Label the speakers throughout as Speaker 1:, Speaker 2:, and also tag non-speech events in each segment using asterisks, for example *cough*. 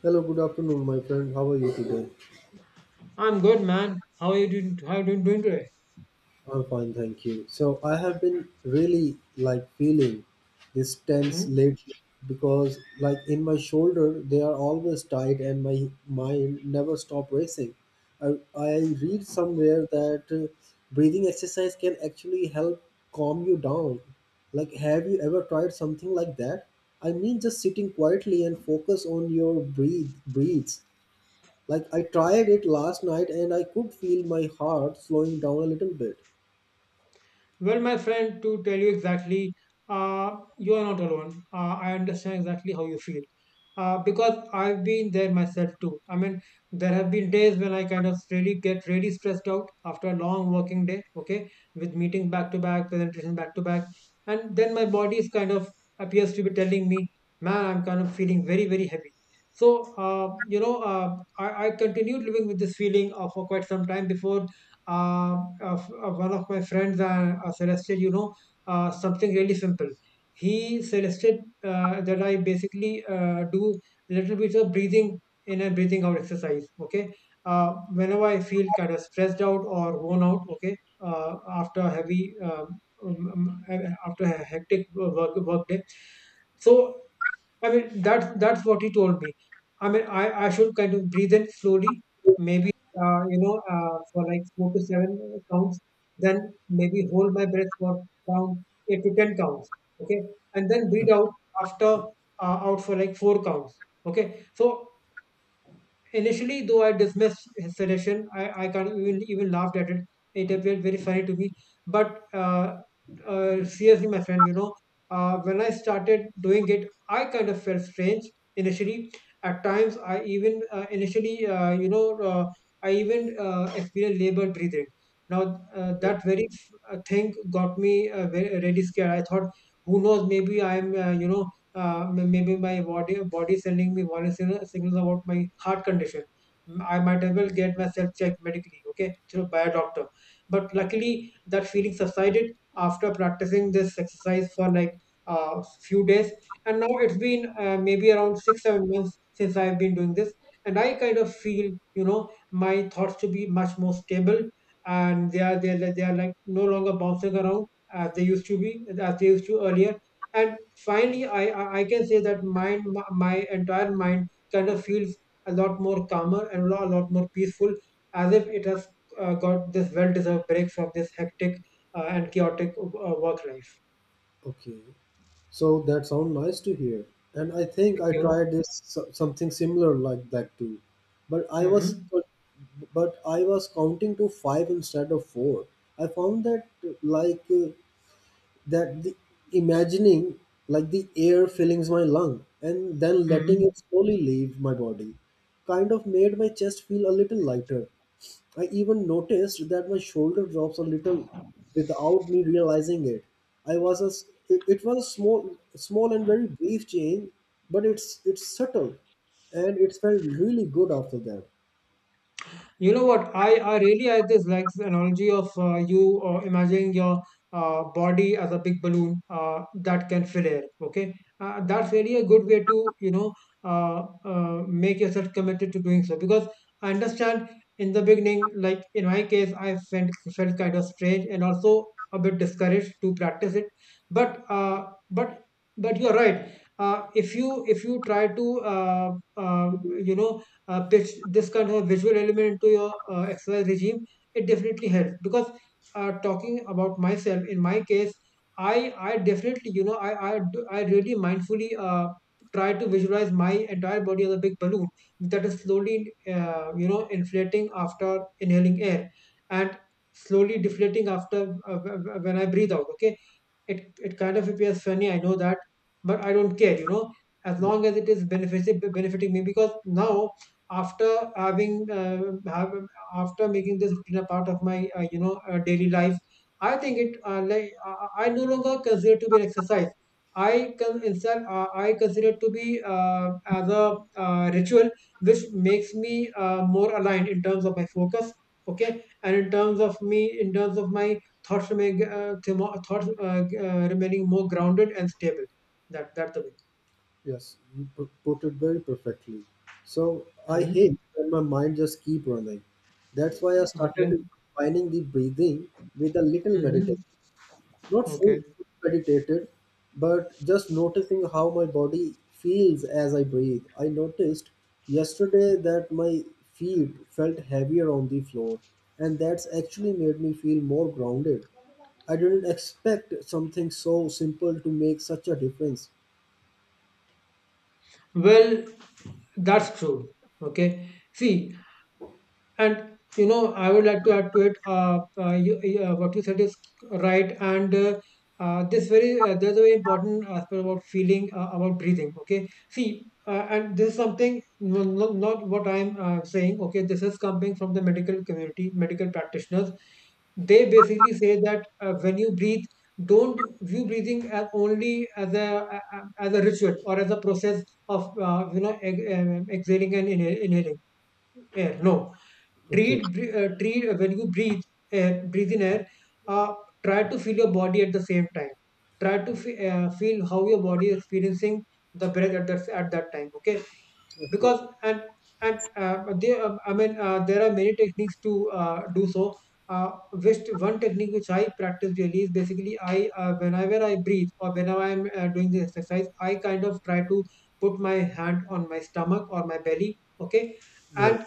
Speaker 1: Hello, good afternoon, my friend. How are you today?
Speaker 2: I'm good, man. How are you doing? How are you doing today?
Speaker 1: I'm fine, thank you. So I have been really like feeling this tense
Speaker 2: Hmm.
Speaker 1: lately because like in my shoulder they are always tight and my mind never stop racing. I read somewhere that breathing exercise can actually help calm you down. Like have you ever tried something like that? I mean just sitting quietly and focus on your breathes. Like I tried it last night and I could feel my heart slowing down a little bit.
Speaker 2: Well, my friend, to tell you exactly, you are not alone. I understand exactly how you feel. Because I've been there myself too. I mean, there have been days when I kind of really get really stressed out after a long working day, okay, with meetings back to back, presentation back to back. And then my body is kind of appears to be telling me, man, I'm kind of feeling very, very heavy. So, I continued living with this feeling, for quite some time before one of my friends suggested, something really simple. He suggested that I basically do little bit of breathing in and breathing out exercise. Okay, whenever I feel kind of stressed out or worn out, okay, after a heavy after a hectic work day. So I mean, that's what he told me. I mean, I should kind of breathe in slowly, maybe, for like 4 to 7 counts, then maybe hold my breath for around 8 to 10 counts, okay, and then breathe out after, out for like 4 counts, okay. So initially, though I dismissed his suggestion, I can't even, laughed at it. It appeared very funny to me. But seriously, my friend, when I started doing it, I kind of felt strange initially. At times, I even initially, you know, I even experienced labored breathing. Now,
Speaker 1: Okay,
Speaker 2: that very thing got me, very, really scared. I thought, who knows, maybe I'm, you know, m- maybe my body sending me warning signals about my heart condition. I might as well get myself checked medically, okay, through by a doctor. But luckily, that feeling subsided after practicing this exercise for like a few days, and now it's been, maybe around 6-7 months since I've been doing this, and I kind of feel, my thoughts to be much more stable, and they are like no longer bouncing around, as they used to earlier. And finally, I can say that my entire mind kind of feels a lot more calmer and, a lot more peaceful, as if it has got this well deserved break from this hectic and chaotic work life.
Speaker 1: okay. So that sounds nice to hear. And I think
Speaker 2: Thank
Speaker 1: I
Speaker 2: you.
Speaker 1: tried this something similar like that too. But I was
Speaker 2: Mm-hmm.
Speaker 1: but but I was counting to 5 instead of 4. I found that like uh, the imagining like the air fillings my lung and then letting
Speaker 2: Mm-hmm.
Speaker 1: it slowly leave my body kind of made my chest feel a little lighter. I even noticed that my shoulder drops a little without me realizing it. I was a, s- It was a small small and very brief change, but it's subtle and it felt really good after that.
Speaker 2: You know what? I just like this analogy of, you imagining your body as a big balloon, that can fill air. Okay, that's really a good way to, make yourself committed to doing so, because I understand in the beginning, like in my case, I felt kind of strange and also a bit discouraged to practice it. But uh, but but you're right. If you try to, you know pitch this kind of visual element to your exercise regime, it definitely helps. Because, talking about myself, in my case, I definitely, I really mindfully try to visualize my entire body as a big balloon that is slowly, inflating after inhaling air, and slowly deflating after, when I breathe out. Okay, it kind of appears funny. I know that, but I don't care, as long as it is benefiting me, because now, after having uh, have, after making this routine a part of my, daily life, I think it, like, I no longer consider it to be an exercise. I can instead uh, i consider it to be, as a, ritual, which makes me more aligned in terms of my focus, okay, and in terms of me in terms of my thoughts remaining more grounded and stable. That's the way.
Speaker 1: Yes, you put it very perfectly. So I
Speaker 2: Mm-hmm.
Speaker 1: hate when my mind just keep running. That's why I
Speaker 2: Okay.
Speaker 1: started combining the breathing with a little
Speaker 2: Mm-hmm.
Speaker 1: meditation. Not
Speaker 2: Okay.
Speaker 1: full meditated, but just noticing how my body feels as I breathe. I noticed yesterday that my feet felt heavier on the floor, and that's actually made me feel more grounded. I didn't expect something so simple to make such a difference.
Speaker 2: Well, that's true. Okay. See. And I would like to add to it. What you said is right, and, this very there's a very important aspect about feeling about breathing. Okay, see, and this is something, not what I'm saying. Okay, this is coming from the medical community, medical practitioners. They basically say that, when you breathe, don't view breathing as only as a ritual or as a process of, exhaling and inhaling air. No,
Speaker 1: Okay,
Speaker 2: treat, when you breathe air, breathe in air, uh, try to feel your body at the same time. Try to feel how your body is experiencing the breath at that time, okay.
Speaker 1: okay.
Speaker 2: Because, and there, I mean, there are many techniques to, do so. uh, which one technique which I practice really is basically, I whenever I breathe, or whenever I'm doing this exercise, I kind of try to put my hand on my stomach or my belly, okay.
Speaker 1: Yeah.
Speaker 2: and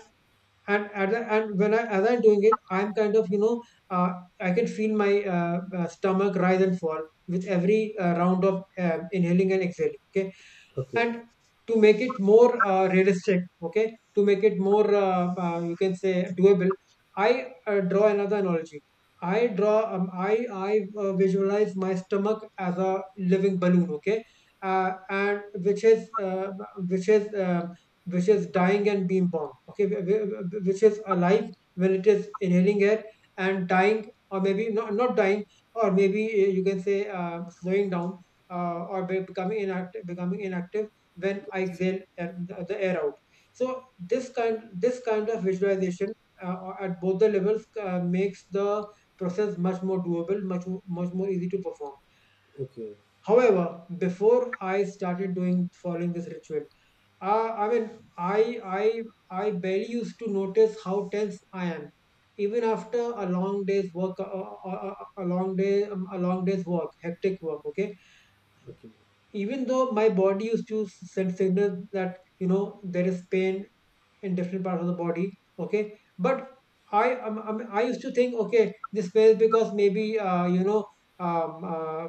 Speaker 2: and at the, and when I as I'm doing it, I'm kind of, uh, I can feel my, stomach rise and fall with every round of inhaling and exhaling. Okay,
Speaker 1: Okay.
Speaker 2: and to make it more, realistic, okay, to make it more, you can say, doable, I draw another analogy. I draw um, i i uh, visualize my stomach as a living balloon, okay, and, which is uh, which is uh, which is dying and being born, okay. Which is alive when it is inhaling air, and dying, or maybe not, not dying, or maybe, you can say, slowing down, or becoming inactive, when I exhale the air out. So, this kind this kind of visualization, uh, at both the levels, makes the process much more doable, much more easy to perform.
Speaker 1: Okay.
Speaker 2: However, before I started doing following this ritual, I mean, I I I barely used to notice how tense I am, even after a long day's work, a long day's work, hectic work. Okay,
Speaker 1: Okay.
Speaker 2: even though my body used to send signals that, there is pain in different parts of the body, okay, but I used to think, okay, this fails because maybe, um, uh,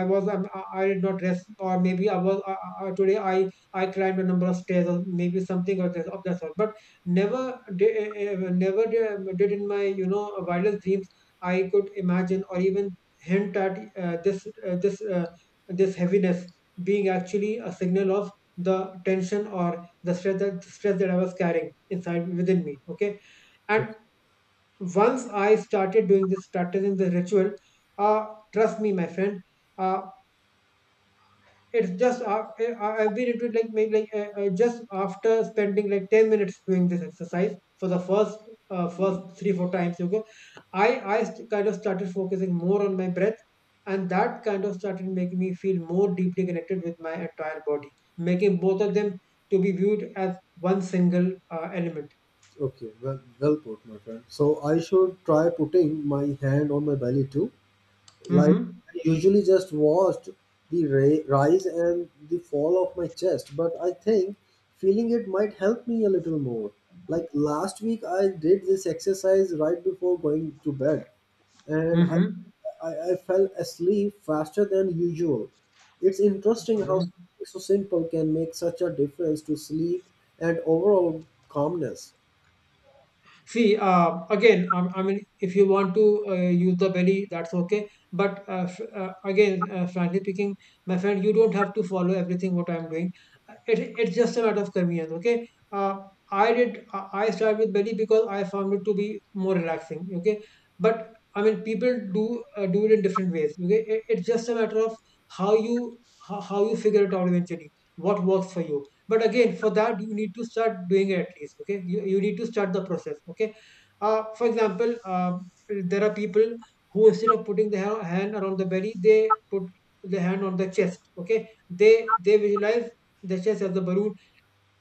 Speaker 2: I did not rest, or maybe, I was today I climbed a number of stairs, or maybe something of that sort. But never did, never did, in my, wildest dreams, I could imagine or even hint at, uh, this uh, this uh, this heaviness being actually a signal of the tension or the stress, that I was carrying inside within me. Okay,
Speaker 1: Okay.
Speaker 2: and once I started doing this, practicing the ritual, uh, trust me, my friend. uh, it's just I've been into it like, maybe like, just after spending like 10 minutes doing this exercise for the first 3-4 times. Okay, I I kind of started focusing more on my breath, and that kind of started making me feel more deeply connected with my entire body, making both of them to be viewed as one single element.
Speaker 1: Okay. Well, well put, my friend. So I should try putting my hand on my belly too. Like
Speaker 2: Mm-hmm.
Speaker 1: I usually just watched the rise and the fall of my chest, but I think feeling it might help me a little more. Like last week, I did this exercise right before going to bed, and
Speaker 2: Mm-hmm.
Speaker 1: I fell asleep faster than usual. It's interesting how
Speaker 2: Mm-hmm.
Speaker 1: something so simple can make such a difference to sleep and overall calmness.
Speaker 2: See, again, I mean, if you want to, use the belly, that's okay. But again, frankly speaking, my friend, you don't have to follow everything what I'm doing. It's just a matter of convenience, okay? I did, I started with belly because I found it to be more relaxing, okay? But I mean, people do it in different ways, okay? It's just a matter of how you how you figure it out eventually, what works for you. But again, for that you need to start doing it, at least. Okay, you need to start the process. Okay, for example, there are people who, instead of putting the hand around the belly, they put the hand on the chest. Okay, they visualize the chest as the balloon.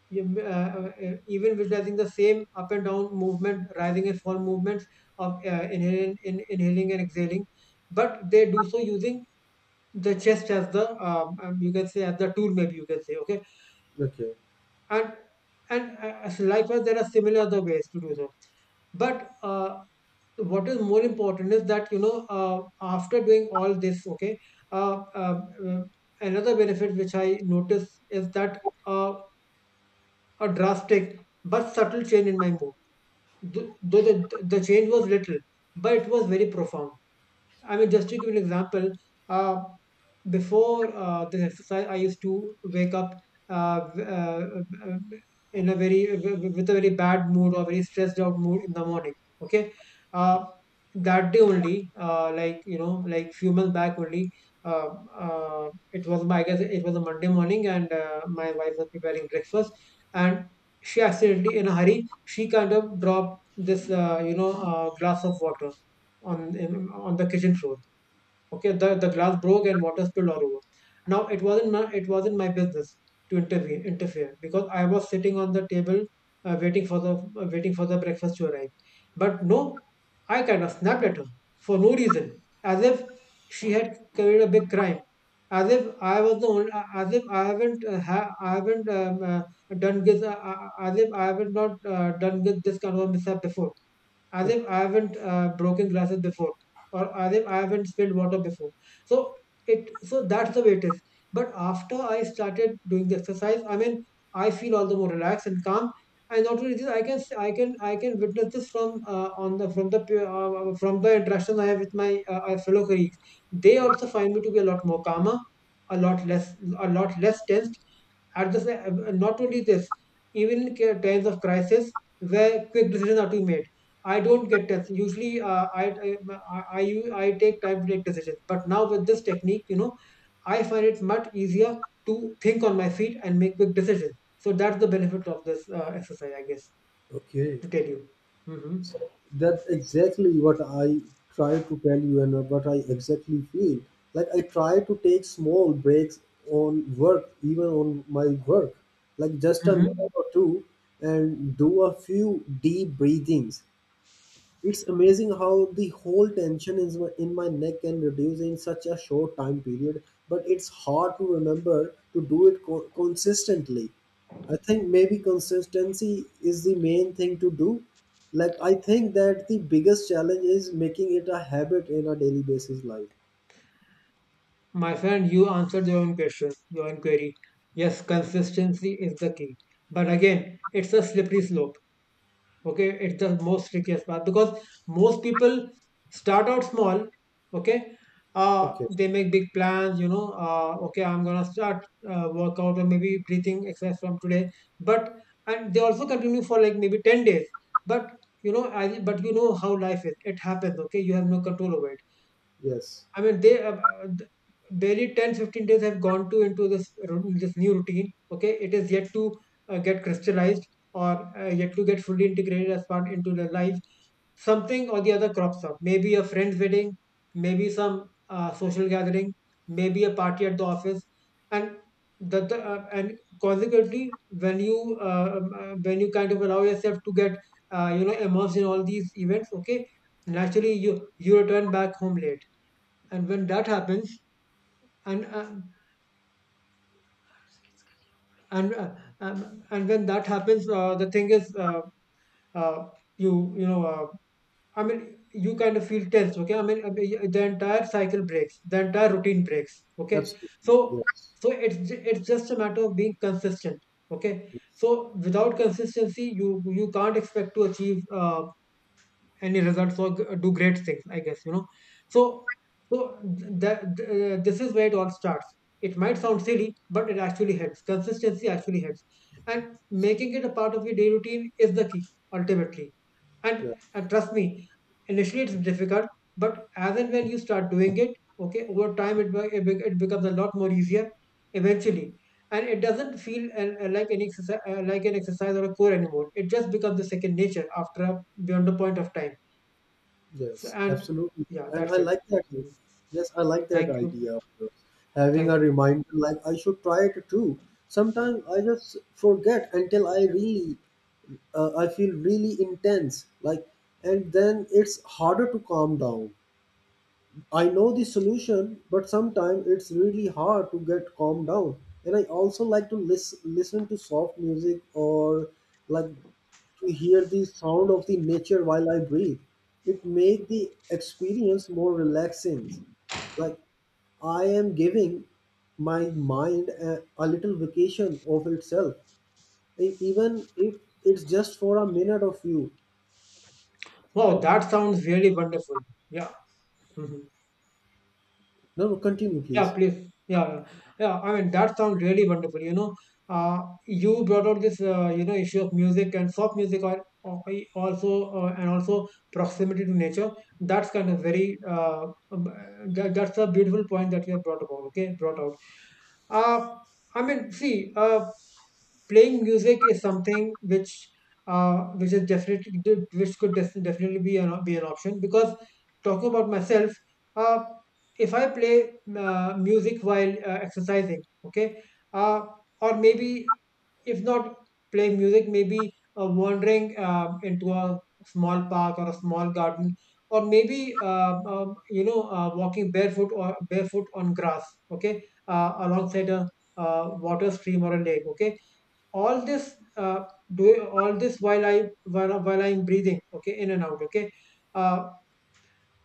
Speaker 2: Even visualizing the same up and down movement, rising and fall movements of inhaling and exhaling, but they do so using the chest as the you can say, as the tool, maybe, you can say. Okay,
Speaker 1: Okay.
Speaker 2: and and likewise, there are similar other ways to do so. But what is more important is that, you know, after doing all this, okay, uh, uh, uh, another benefit which I notice is that, uh, a drastic but subtle change in my mood. Though the change was little, but it was very profound. I mean, just to give you an example, uh, before this exercise, I used to wake up uh, v- uh, uh, in a with a very bad mood, or very stressed out mood in the morning. Okay, uh, that day only, like you know, like few months back only, uh, it was my, I guess it was a Monday morning, and my wife was preparing breakfast, and she accidentally, in a hurry, she kind of dropped this glass of water on the kitchen floor. Okay, the glass broke and water spilled all over. Now, it wasn't my business to intervene interfere, because I was sitting on the table waiting for the breakfast to arrive. But no, I kind of snapped at her for no reason, as if she had committed a big crime. As if I haven't done this, as if I haven't not done this kind of a mishap before, as if I haven't broken glasses before, or as if I haven't spilled water before. So it so that's the way it is. But after I started doing the exercise, I mean, I feel all the more relaxed and calm. And not only this, I can I can witness this from on the from the pe- from the interaction I have with my fellow colleagues. They also find me to be a lot more calmer, a lot less a lot less tensed. Not only this, even in times of crisis where quick decisions are to be made, I don't get tests. Usually, I take time to make decisions. But now with this technique, you know, I find it much easier to think on my feet and make quick decisions. So that's the benefit of this exercise, I guess,
Speaker 1: Okay.
Speaker 2: to tell you. Hmm.
Speaker 1: That exactly what I try to tell you and what I exactly feel. Like I try to take small breaks on work, even on my work, like just a minute
Speaker 2: Hmm.
Speaker 1: or two, and do a few deep breathings. It's amazing how the whole tension is in my neck can reduce in such a short time period, but it's hard to remember to do it consistently. I think maybe consistency is the main thing to do. Like I think that the biggest challenge is making it a habit in a daily basis life.
Speaker 2: My friend, you answered your own question, your own query. Yes, consistency is the key. But again, it's a slippery slope. Okay, it's the most trickiest part, because most people start out small. Okay,
Speaker 1: Okay.
Speaker 2: they make big plans, you know. Okay, I'm gonna start workout or maybe breathing exercise from today. But, and they also continue for like maybe 10 days, but but you know how life is, it happens. Okay, you have no control over it.
Speaker 1: Yes.
Speaker 2: I mean, barely 10 15 days have gone to into this this new routine. Okay, it is yet to get crystallized, or yet to get fully integrated as part into their life. Something or the other crops up. Maybe a friend's wedding, maybe some social gathering, maybe a party at the office, and the and consequently, when you kind of allow yourself to get you know, immersed in all these events. Okay, naturally you return back home late. And when that happens, and uh, and uh, and when that happens, the thing is uh, you you know I mean, you kind of feel tense. Okay, I mean, the entire cycle breaks, the entire routine breaks. Okay,
Speaker 1: Absolutely.
Speaker 2: so,
Speaker 1: Yes.
Speaker 2: so it's just a matter of being consistent. Okay, so without consistency, you can't expect to achieve any results, or do great things, I guess, you know. So, so that this is where it all starts. It might sound silly, but it actually helps. Consistency actually helps. And making it a part of your daily routine is the key, ultimately. and,
Speaker 1: Yes.
Speaker 2: and trust me, initially it's difficult, but as and when you start doing it, okay, over time it becomes a lot more easier eventually. And it doesn't feel like an exercise, or a core anymore. It just becomes the second nature after a, beyond a point of time. So,
Speaker 1: Yes,
Speaker 2: and
Speaker 1: absolutely.
Speaker 2: yeah,
Speaker 1: And I
Speaker 2: that's it.
Speaker 1: like that.
Speaker 2: Mhm.
Speaker 1: Yes, I like that
Speaker 2: Thank you.
Speaker 1: idea of yours. Having a
Speaker 2: Thank you.
Speaker 1: reminder, like I should try it too. Sometimes I just forget until I I feel really intense, like, and then it's harder to calm down. I know the solution, but sometimes it's really hard to get calm down. And I also like to listen to soft music or like to hear the sound of the nature while I breathe. It make the experience more relaxing. Like I am giving my mind a little vacation of itself. Even if it's just for a minute of you. I,
Speaker 2: Wow, that sounds really wonderful. Yeah. Mhm.
Speaker 1: no, no, continue,
Speaker 2: Yeah,
Speaker 1: please.
Speaker 2: please. Yeah, yeah. Yeah, I mean, that sounds really wonderful. You know, uh, you brought out this, you know, issue of music and soft music, or also, and also proximity to nature. That's kind of very, that, that's a beautiful point that you have brought about, okay, brought out. Uh, I mean, see, playing music is something which is definitely, which could definitely be an, be an option, because, talking about myself, uh, if I play music while exercising, okay, uh, or maybe, if not playing music, maybe wandering into a small park or a small garden, or maybe you know, walking barefoot, or barefoot on grass. Okay, alongside a water stream or a lake. Okay, all this, do all this while while I'm breathing, okay, in and out. Okay, uh,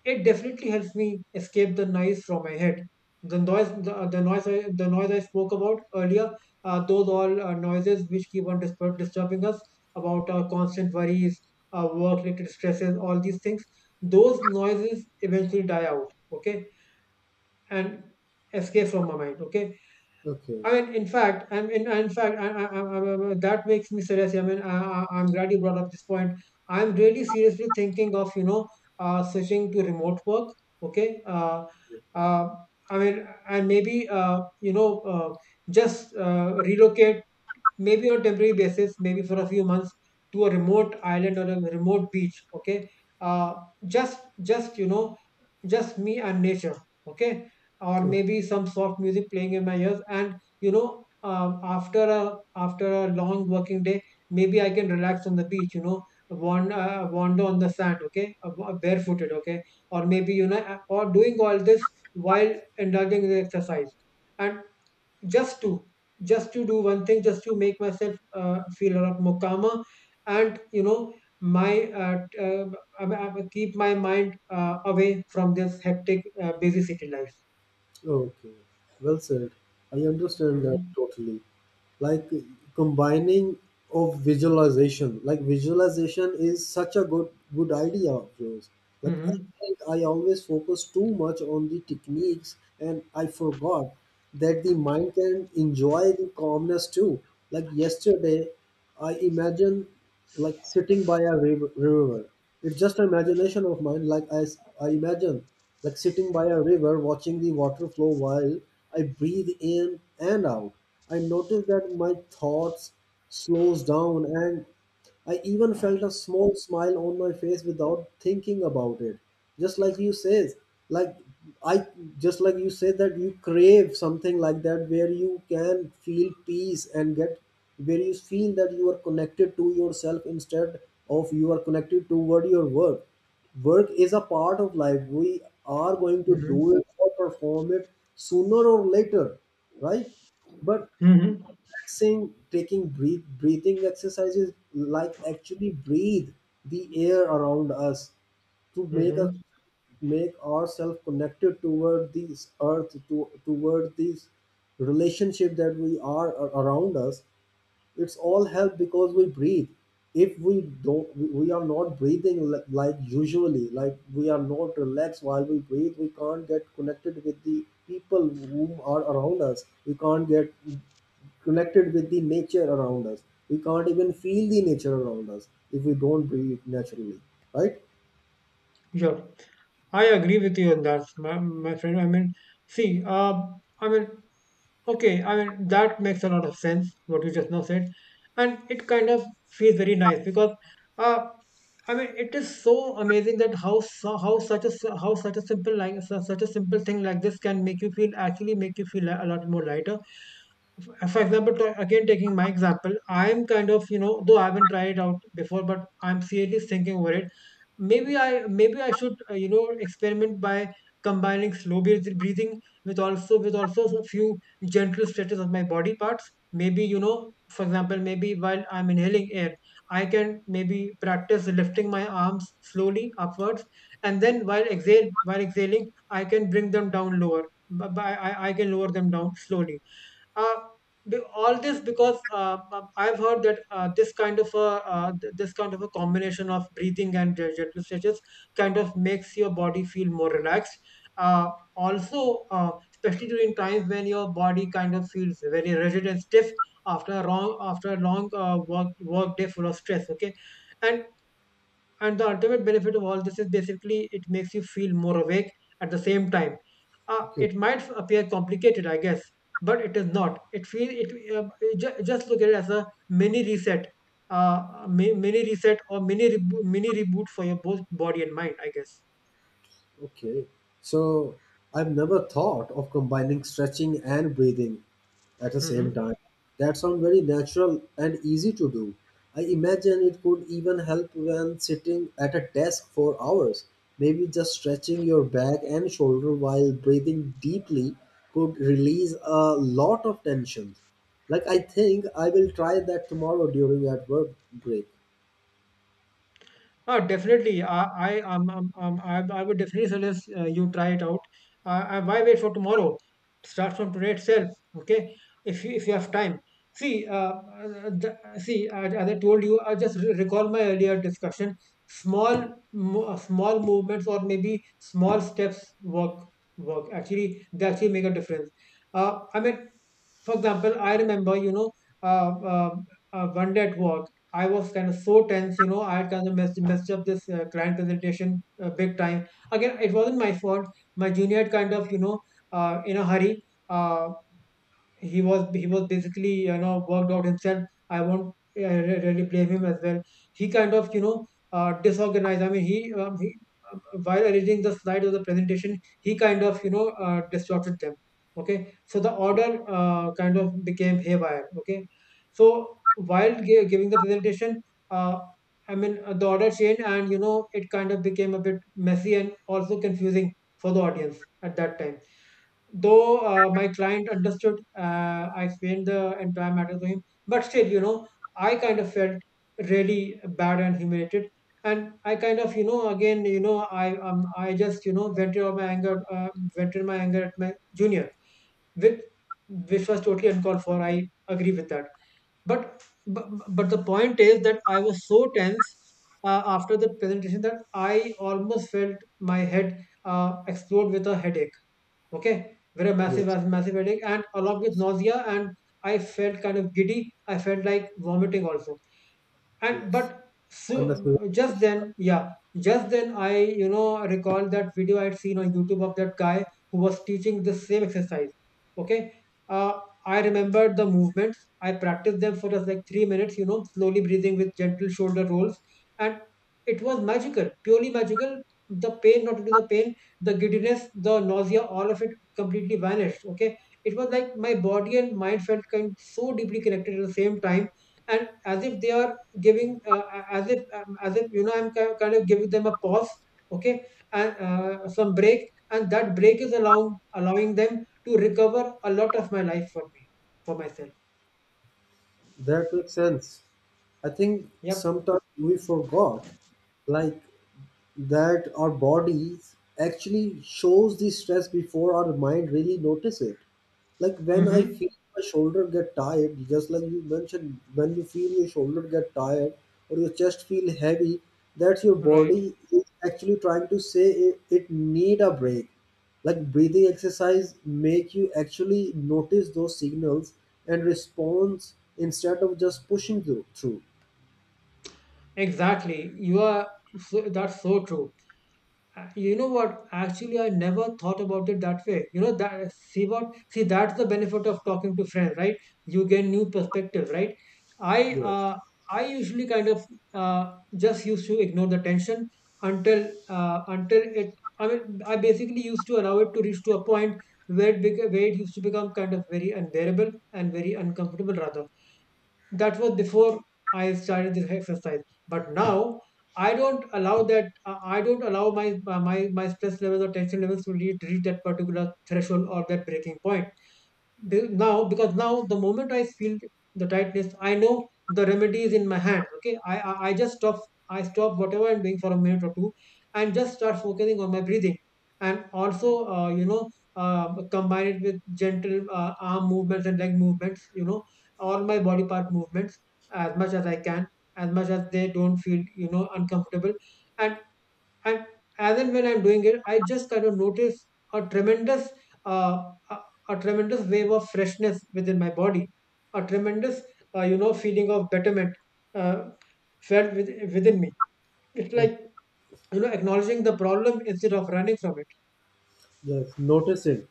Speaker 2: it definitely helps me escape the noise from my head, the noise I spoke about earlier. Those all noises which keep on disturbing us about our constant worries, our work related stresses, all these things, those noises eventually die out. Okay, and escape from my mind. Okay,
Speaker 1: Okay.
Speaker 2: I mean, in fact, in fact, that makes me serious. I mean, I'm glad you brought up this point. I'm really seriously thinking of, you know, switching to remote work. Okay. Uh, I mean, and maybe, you know, just relocate, maybe on a temporary basis, maybe for a few months, to a remote island or a remote beach. Okay. Uh, just, you know, just me and nature. Okay, or
Speaker 1: Okay.
Speaker 2: maybe some soft music playing in my ears, and you know, after a, after a long working day, maybe I can relax on the beach, you know. Wander on the sand. Okay, barefooted. Okay, or maybe you know, or doing all this while indulging in exercise, and just to, just to do one thing, just to make myself feel a lot more calmer. And you know, my t- I keep my mind away from this hectic busy city life.
Speaker 1: Okay, well said. I understand that
Speaker 2: Mm-hmm.
Speaker 1: totally. Like combining of visualization, like visualization is such a good good idea of yours. Like I
Speaker 2: Hmm.
Speaker 1: think I always focus too much on the techniques and I forgot that the mind can enjoy the calmness too. Like yesterday I imagine like sitting by a river. It's just an imagination of mine. Like I imagine like sitting by a river, watching the water flow while I breathe in and out. I notice that my thoughts slows down and I even felt a small smile on my face without thinking about it. Just like you says, like I just like you said that you crave something like that where you can feel peace and get where you feel that you are connected to yourself instead of you are connected toward your work. Work is a part of life. We are going to do
Speaker 2: Hmm.
Speaker 1: it or perform it sooner or later, right? But
Speaker 2: Hmm.
Speaker 1: relaxing, taking breath, breathing exercises, like actually breathe the air around us to make us
Speaker 2: Hmm.
Speaker 1: make ourselves connected toward this earth, to toward this relationship that we are around us. It's all help because we breathe. If we don't, we are not breathing like usually, like we are not relaxed while we breathe, we can't get connected with the people whom are around us, we can't get connected with the nature around us, we can't even feel the nature around us if we don't breathe naturally, right?
Speaker 2: Sure. I agree with you on that, my friend. I mean, see, I mean, okay, I mean, that makes a lot of sense, what you just now said. And it kind of feels very nice because, uh, I mean, it is so amazing that how how such a how such a simple, such a simple thing like this can make you feel, actually make you feel a lot more lighter. For example, again taking my example, I'm kind of, you know, though I haven't tried it out before, but I'm seriously thinking over it. Maybe I should, you know, experiment by combining breathing with also, with also a few gentle stretches of my body parts. Maybe, you know, for example, maybe while I'm inhaling air, I can maybe practice lifting my arms slowly upwards, and then while exhale while exhaling, I can bring them down lower. But I can lower them down slowly. uh, all this because I've heard that this kind of a combination of breathing and gentle stretches kind of makes your body feel more relaxed. Uh, Also, especially during times when your body kind of feels very rigid and stiff after a long, after a long work day full of stress. Okay, and and the ultimate benefit of all this is basically it makes you feel more awake at the same time.
Speaker 1: Okay.
Speaker 2: It might appear complicated, I guess, but it is not. It feel it just look at it as a mini reset, mini reset, or mini reboot for your both body and mind, I guess.
Speaker 1: Okay. So I've never thought of combining stretching and breathing at the same
Speaker 2: Hmm.
Speaker 1: time. That sounds very natural and easy to do. I imagine it could even help when sitting at a desk for hours. Maybe just stretching your back and shoulder while breathing deeply could release a lot of tension. Like I think I will try that tomorrow during at work break.
Speaker 2: Oh, definitely. I would definitely suggest you try it out. Why wait for tomorrow? Start from today itself. Okay, if you, if you have time. See, see. As I told you, I just recall my earlier discussion. Small movements, or maybe small steps work. They actually make a difference. I mean, for example, I remember, uh, uh, one day at work, I was kind of so tense, I had kind of messed up this client presentation big time. Again, it wasn't my fault. My junior had kind of, in a hurry, he was basically worked out himself. I won't really blame him as well. He kind of, disorganized. I mean, he while arranging the slides of the presentation, he kind of, distorted them. Okay, so the
Speaker 1: Okay.
Speaker 2: order kind of became haywire. Okay, so while giving the presentation, uh, I mean, the order changed, and it kind of became a bit messy and also confusing for the audience at that time. Though my client understood, I explained the entire matter to him, but still, I kind of felt really bad and humiliated. And I kind of, again, I just, vented my anger at my junior, which was totally uncalled for. I agree with that, but but the point is that I was so tense, after the presentation, that I almost felt my head explode with a headache. Okay, very massive,
Speaker 1: Yes.
Speaker 2: massive, massive headache, and along with nausea, and I felt kind of giddy. I felt like vomiting also, and but
Speaker 1: Yes.
Speaker 2: so
Speaker 1: Unnecessary
Speaker 2: just
Speaker 1: pressure.
Speaker 2: then. Yeah, just then I, recall that video I had seen on YouTube of that guy who was teaching the same exercise. Okay. uh, I remembered the movements. I practiced them for just like 3 minutes, slowly breathing with gentle shoulder rolls. And it was magical, purely magical. The pain, not only the pain, the giddiness, the nausea, all of it completely vanished. Okay, it was like my body and mind felt kind so deeply connected at the same time, and as if they are giving, as if, as if, I'm kind of giving them a pause. Okay, and some break, and that break is allowing them to recover a lot of my life for me, for myself.
Speaker 1: That makes sense. I think
Speaker 2: Yep.
Speaker 1: sometimes we forgot, like that our bodies actually shows the stress before our mind really notice it. Like when I feel
Speaker 2: Mm-hmm.
Speaker 1: my shoulder get tired, just like you mentioned, when you feel your shoulder get tired or your chest feel heavy, that's your
Speaker 2: Right.
Speaker 1: body is actually trying to say it, it need a break. Like breathing exercise make you actually notice those signals and response instead of just pushing through.
Speaker 2: Exactly, you are, so, that's so true. You know what, actually I never thought about it that way. You know that see what see That's the benefit of talking to friends, right? You get new perspective, right? i
Speaker 1: Yes,
Speaker 2: uh, i usually kind of, uh, just used to ignore the tension until, until it I mean, I basically used to allow it to reach to a point where it used to become kind of very unbearable and very uncomfortable, rather. That was before I started this exercise. But now I don't allow that. I don't allow my my stress levels or tension levels to reach that particular threshold or that breaking point. Be- now because now, the moment I feel the tightness, I know the remedy is in my hand. Okay, I just stop. I stop whatever I'm doing for a minute or two, and just start focusing on my breathing, and also, combine it with gentle arm movements and leg movements, all my body part movements, as much as I can, as much as they don't feel, uncomfortable. And and as and when I'm doing it, I just kind of notice a tremendous, uh, a, a tremendous wave of freshness within my body, a tremendous, feeling of betterment, uh, felt within me. It's
Speaker 1: yes,
Speaker 2: like, acknowledging the problem instead of running from it.
Speaker 1: yes. Noticing.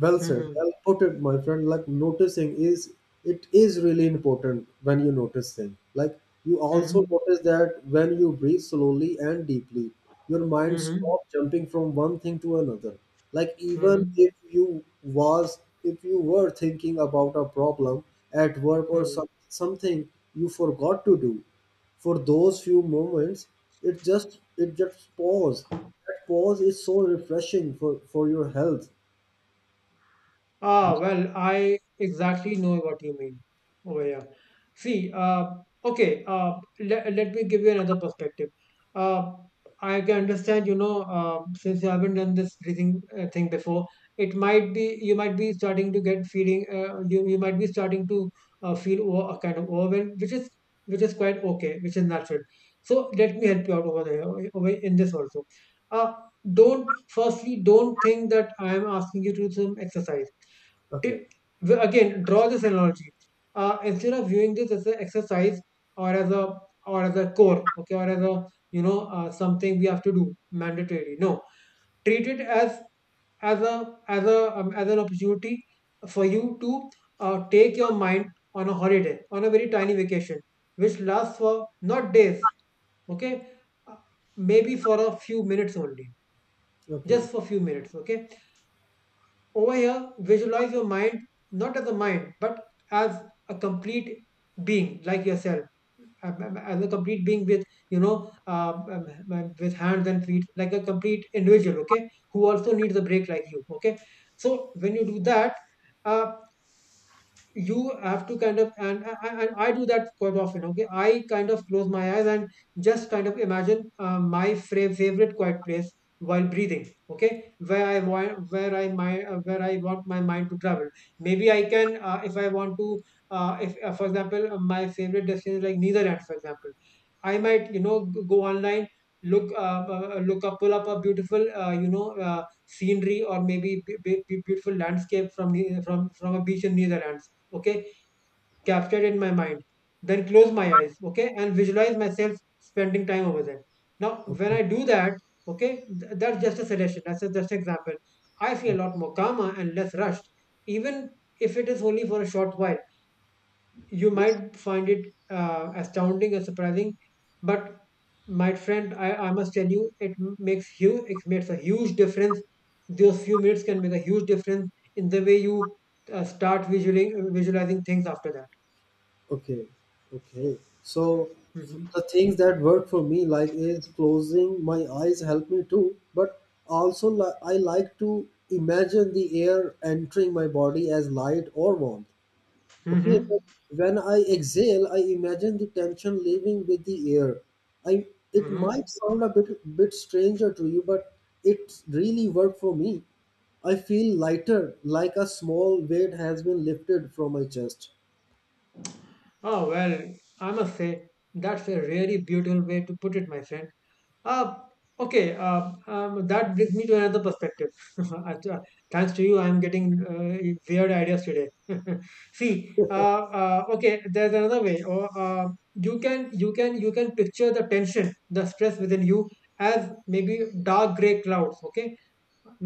Speaker 1: Well said.
Speaker 2: Mm-hmm.
Speaker 1: Well put it, my friend. Like noticing is it is really important when you notice things. Like you also
Speaker 2: Mm-hmm.
Speaker 1: notice that when you breathe slowly and deeply, your mind
Speaker 2: Mm-hmm.
Speaker 1: stops jumping from one thing to another. Like even
Speaker 2: Mm-hmm.
Speaker 1: if you was if you were thinking about a problem at work or something you forgot to do, for those few moments it just pause. That pause is so refreshing for your health.
Speaker 2: Ah, well, I exactly know what you mean over here. See, okay, let me give you another perspective. Uh, I can understand, since you haven't done this breathing thing before, it might be you might be starting to get feeling, you might be starting to, feel kind of overwhelmed, which is, which is quite okay, which is natural. So let me help you out over there, over in this also. Uh, don't think that I am asking you to do some exercise.
Speaker 1: Okay.
Speaker 2: It, again, draw this analogy. Instead of viewing this as an exercise, or as a, core, okay, or as a, something we have to do mandatory, no. Treat it as a as a as an opportunity for you to, take your mind on a holiday, on a very tiny vacation, which lasts for not days. Okay, uh, maybe for a few minutes only,
Speaker 1: Okay.
Speaker 2: just for few minutes. Okay, over here, visualize your mind not as a mind, but as a complete being like yourself, as a complete being with, with hands and feet, like a complete individual, okay, who also needs a break like you, okay. So when you do that, uh, you have to kind of, and I do that quite often. Okay, I kind of close my eyes and just kind of imagine, my favorite quiet place while breathing, okay, where I want my mind to travel. Maybe I can, if I want to, if for example, my favorite destination is like Netherlands, for example. I might, go online, look up, pull up a beautiful, scenery, or maybe beautiful landscape from from a beach in Netherlands. Okay, captured in my mind. Then close my eyes, okay, and visualize myself spending time over there. Now, when
Speaker 1: okay,
Speaker 2: I do that, okay, that's just a suggestion. That's just an example. I feel
Speaker 1: okay.
Speaker 2: a lot more calmer and less rushed, even if it is only for a short while. You
Speaker 1: Yes.
Speaker 2: might find it, astounding or surprising, but my friend, I must tell you, it makes a huge difference. Those few minutes can make a huge difference in the way you, start visualizing things after that.
Speaker 1: Okay. Okay, so
Speaker 2: Hmm.
Speaker 1: the things that work for me like is closing my eyes help me too, but also I like to imagine the air entering my body as light or warmth. Okay,
Speaker 2: Hmm.
Speaker 1: but when I exhale, I imagine the tension leaving with the air. I It might
Speaker 2: Hmm.
Speaker 1: sound a bit stranger to you, but it really worked for me. I feel lighter, like a small weight has been lifted from my chest.
Speaker 2: Oh, well, I must say that's a really beautiful way to put it, my friend. Uh, okay, that brings me to another perspective. *laughs* Act- uh, Thanks to you, I'm getting, weird ideas today. *laughs* See, okay, there's another way. Or, you can picture the tension, the stress within you as maybe dark gray clouds. Okay,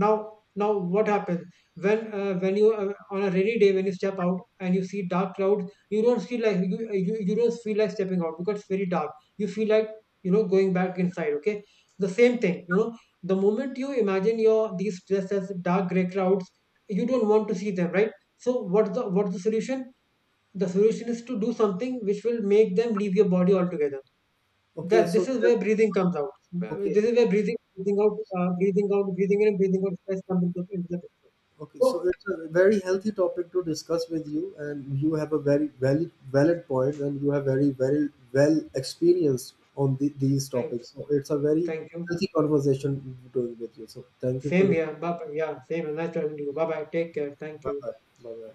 Speaker 2: now what happens when, when you on a rainy day when you step out and you see dark clouds, you don't feel like, you don't feel like stepping out, because it's very dark. You feel like, going back inside. Okay, the same thing, the moment you imagine your these just as dark gray clouds, you don't want to see them, right? So what's the solution? The solution is to do something which will make them leave your body altogether.
Speaker 1: Okay,
Speaker 2: That
Speaker 1: so
Speaker 2: This is
Speaker 1: that,
Speaker 2: where breathing comes out.
Speaker 1: okay.
Speaker 2: This is where breathing, breathing out, breathing out, breathing in, and breathing out stress comes into the picture.
Speaker 1: Okay, so
Speaker 2: So,
Speaker 1: it's a very healthy topic to discuss with you, and you have a very valid valid point, and you have very very well experienced on the, these
Speaker 2: thank,
Speaker 1: topics. So it's a very
Speaker 2: thank you.
Speaker 1: healthy conversation doing with you. So thank you for
Speaker 2: Same
Speaker 1: your
Speaker 2: here. Bye bye. Yeah, same here. Nice talking to you. Bye bye. Take care. Thank
Speaker 1: bye
Speaker 2: you.
Speaker 1: bye bye bye.